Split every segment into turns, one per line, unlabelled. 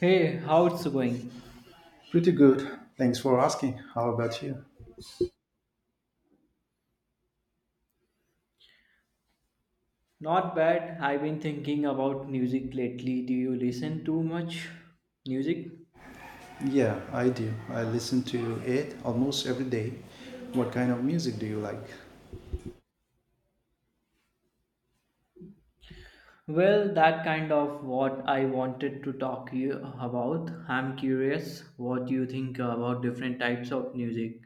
Hey, how it's going?
Pretty good. Thanks for asking. How about you?
Not bad. I've been thinking about music lately. Do you listen to much music?
Yeah, I do. I listen to it almost every day. What kind of music do you like?
Well, that kind of what I wanted to talk you about. I'm curious what you think about different types of music.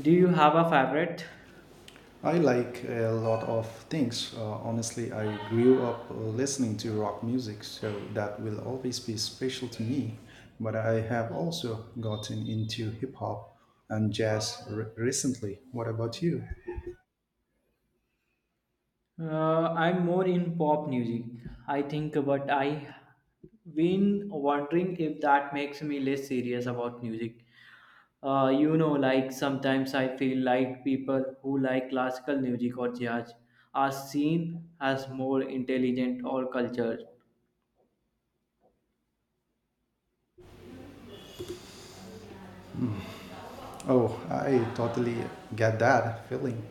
Do you have a favorite?
I like a lot of things. Honestly, I grew up listening to rock music, so that will always be special to me. But I have also gotten into hip hop and jazz recently. What about you?
I'm more in pop music, I think, but I been wondering if that makes me less serious about music. Like sometimes I feel like people who like classical music or jazz are seen as more intelligent or cultured.
Oh, I totally get that feeling.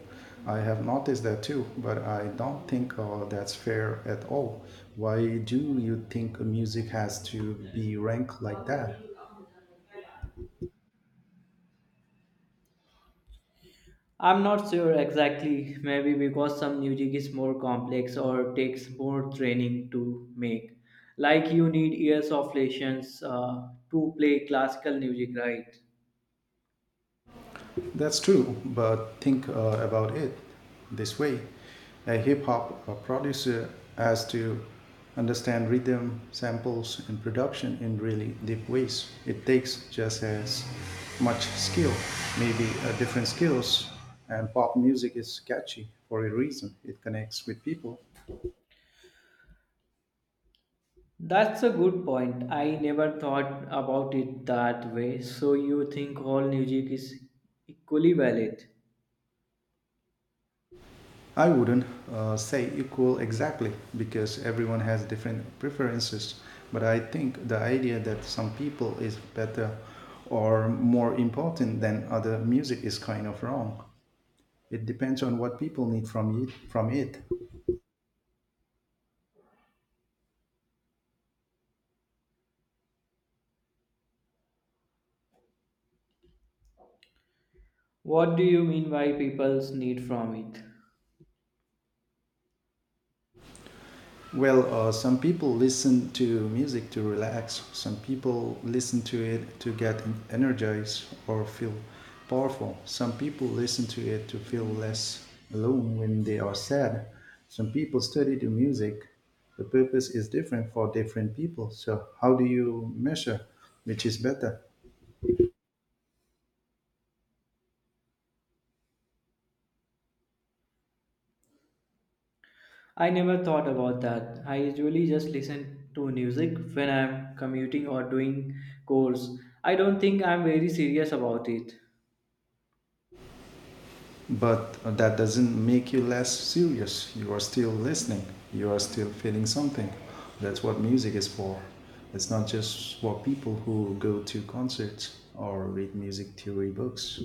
I have noticed that too, but I don't think that's fair at all. Why do you think music has to be ranked like that?
I'm not sure exactly, maybe because some music is more complex or takes more training to make. Like you need years of lessons to play classical music, right?
That's true, but think about it this way. A hip hop producer has to understand rhythm, samples, and production in really deep ways. It takes just as much skill, maybe different skills, and pop music is catchy for a reason. It connects with people.
That's a good point. I never thought about it that way. So you think all music is equally valid?
I wouldn't say equal exactly because everyone has different preferences, but I think the idea that some people is better or more important than other music is kind of wrong. It depends on what people need from it. From it.
What do you mean by people's need from it?
Well, some people listen to music to relax. Some people listen to it to get energized or feel powerful. Some people listen to it to feel less alone when they are sad. Some people study the music. The purpose is different for different people. So, how do you measure which is better?
I never thought about that. I usually just listen to music when I'm commuting or doing chores. I don't think I'm very serious about it.
But that doesn't make you less serious. You are still listening. You are still feeling something. That's what music is for. It's not just for people who go to concerts or read music theory books.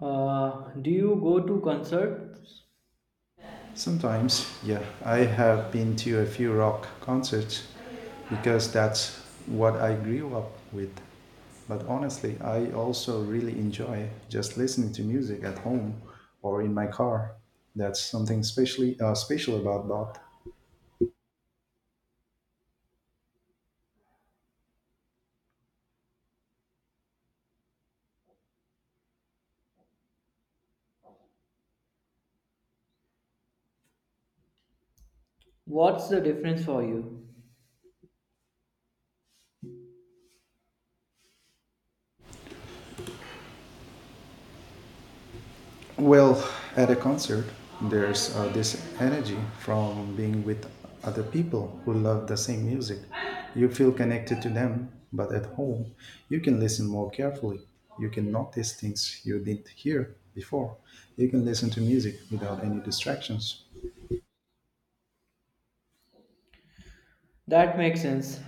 Do you go to concerts?
Sometimes, yeah, I have been to a few rock concerts because that's what I grew up with. But honestly, I also really enjoy just listening to music at home or in my car. That's something specially special about Bach.
What's the difference for you?
Well, at a concert, there's this energy from being with other people who love the same music. You feel connected to them, but at home, you can listen more carefully. You can notice things you didn't hear before. You can listen to music without any distractions.
That makes sense.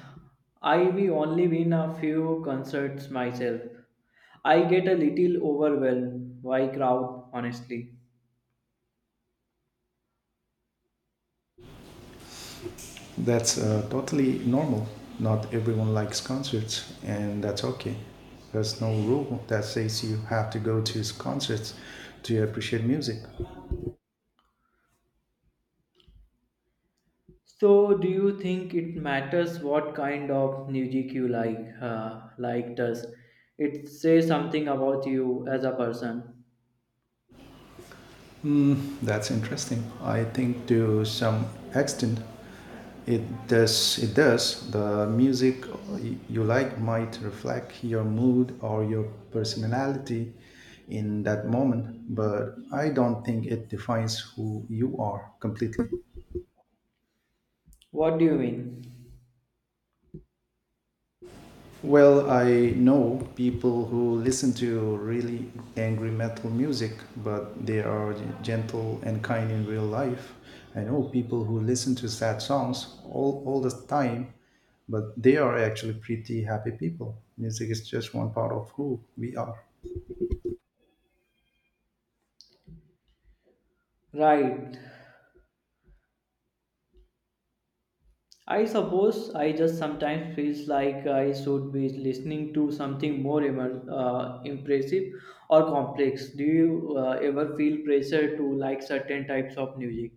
I've only been a few concerts myself. I get a little overwhelmed by crowd, honestly.
That's totally normal. Not everyone likes concerts, and that's okay. There's no rule that says you have to go to concerts to appreciate music.
So, do you think it matters what kind of music you like? Like, does it say something about you as a person?
Mm, that's interesting. I think to some extent it it does. The music you like might reflect your mood or your personality in that moment, but I don't think it defines who you are completely.
What do you mean?
Well, I know people who listen to really angry metal music, but they are gentle and kind in real life. I know people who listen to sad songs all the time, but they are actually pretty happy people. Music is just one part of who we are.
Right. I suppose I just sometimes feels like I should be listening to something more impressive or complex. Do you ever feel pressure to like certain types of music?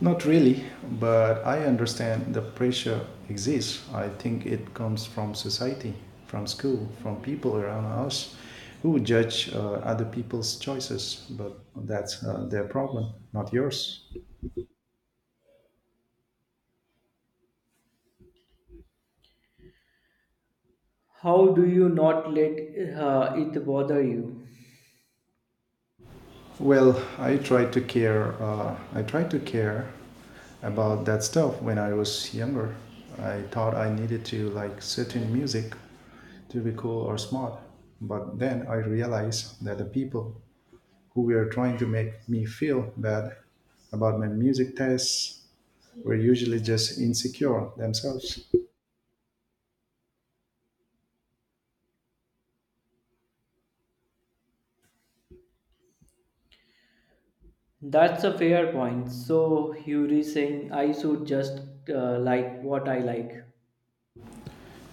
Not really, but I understand the pressure exists. I think it comes from society, from school, from people around us who judge other people's choices, but that's their problem, not yours.
How do you not let it bother you?
Well, I try to care. I try to care about that stuff when I was younger. I thought I needed to like certain music to be cool or smart, but then I realized that the people who were trying to make me feel bad about my music tastes were usually just insecure themselves.
That's a fair point. So Yuri saying I should just like what I like.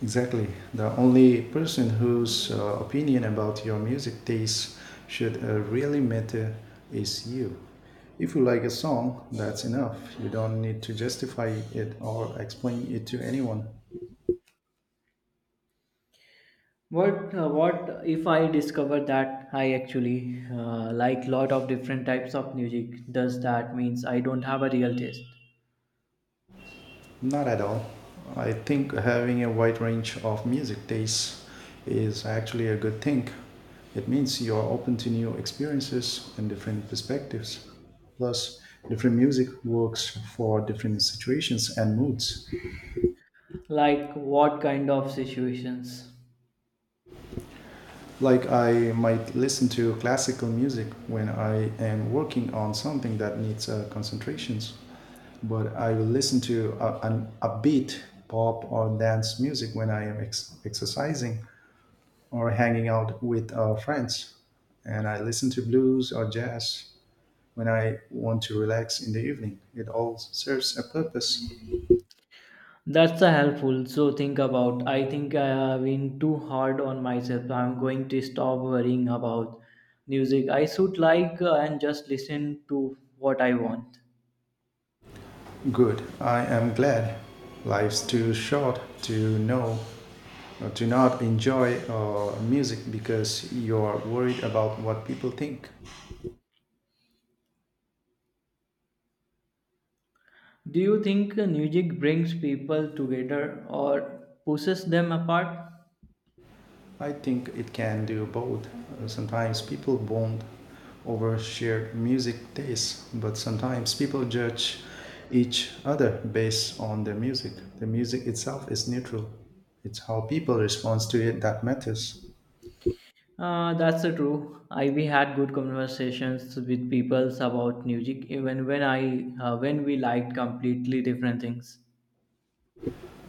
Exactly. The only person whose opinion about your music taste should really matter is you. If you like a song, that's enough. You don't need to justify it or explain it to anyone.
What if I discover that I actually like lot of different types of music? Does that means I don't have a real taste?
Not at all. I think having a wide range of music tastes is actually a good thing. It means you are open to new experiences and different perspectives. Plus, different music works for different situations and moods.
Like what kind of situations?
Like, I might listen to classical music when I am working on something that needs concentrations, but I will listen to an upbeat pop or dance music when I am exercising or hanging out with friends. And I listen to blues or jazz when I want to relax in the evening. It all serves a purpose.
That's a helpful. So think about. I think I have been too hard on myself. I'm going to stop worrying about music. I should like and just listen to what I want.
Good. I am glad. Life's too short to know or to not enjoy music because you're worried about what people think.
Do you think music brings people together or pushes them apart?
I think it can do both. Sometimes people bond over shared music tastes, but sometimes people judge each other based on the music. The music itself is neutral. It's how people respond to it that matters.
That's the true. I we had good conversations with people about music even when I when we liked completely different things.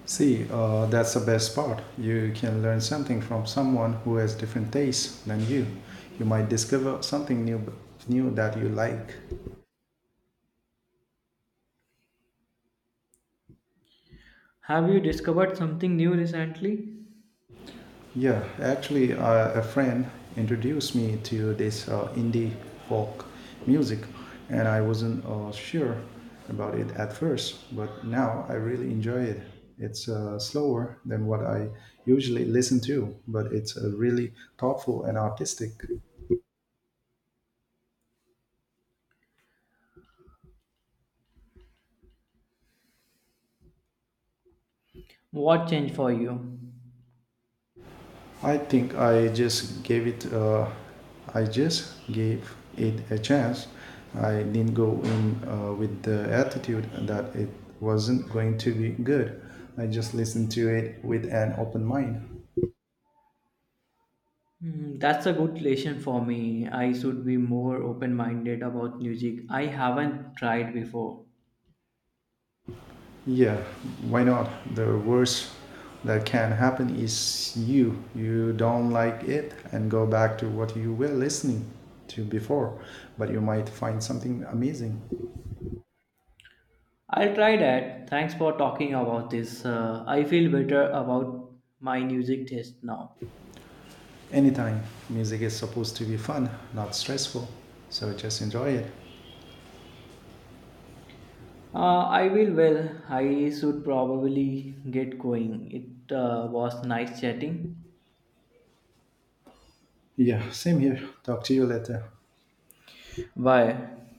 See, that's the best part. You can learn something from someone who has different tastes than you. You might discover something new that you like.
Have you discovered something new recently?
Yeah, actually, a friend introduced me to this indie folk music, and I wasn't sure about it at first, but now I really enjoy it. It's slower than what I usually listen to, but it's really thoughtful and artistic.
What changed for you?
I think I just gave it. I just gave it a chance. I didn't go in with the attitude that it wasn't going to be good. I just listened to it with an open mind.
Hmm, that's a good lesson for me. I should be more open minded about music. I haven't tried before.
Yeah, why not? The worst that can happen is You don't like it and go back to what you were listening to before, but you might find something amazing.
I'll try that. Thanks for talking about this. I feel better about my music taste now.
Anytime music is supposed to be fun, not stressful. So just enjoy it.
I will well. I should probably get going. It was nice chatting.
Yeah, same here. Talk to you later.
Bye.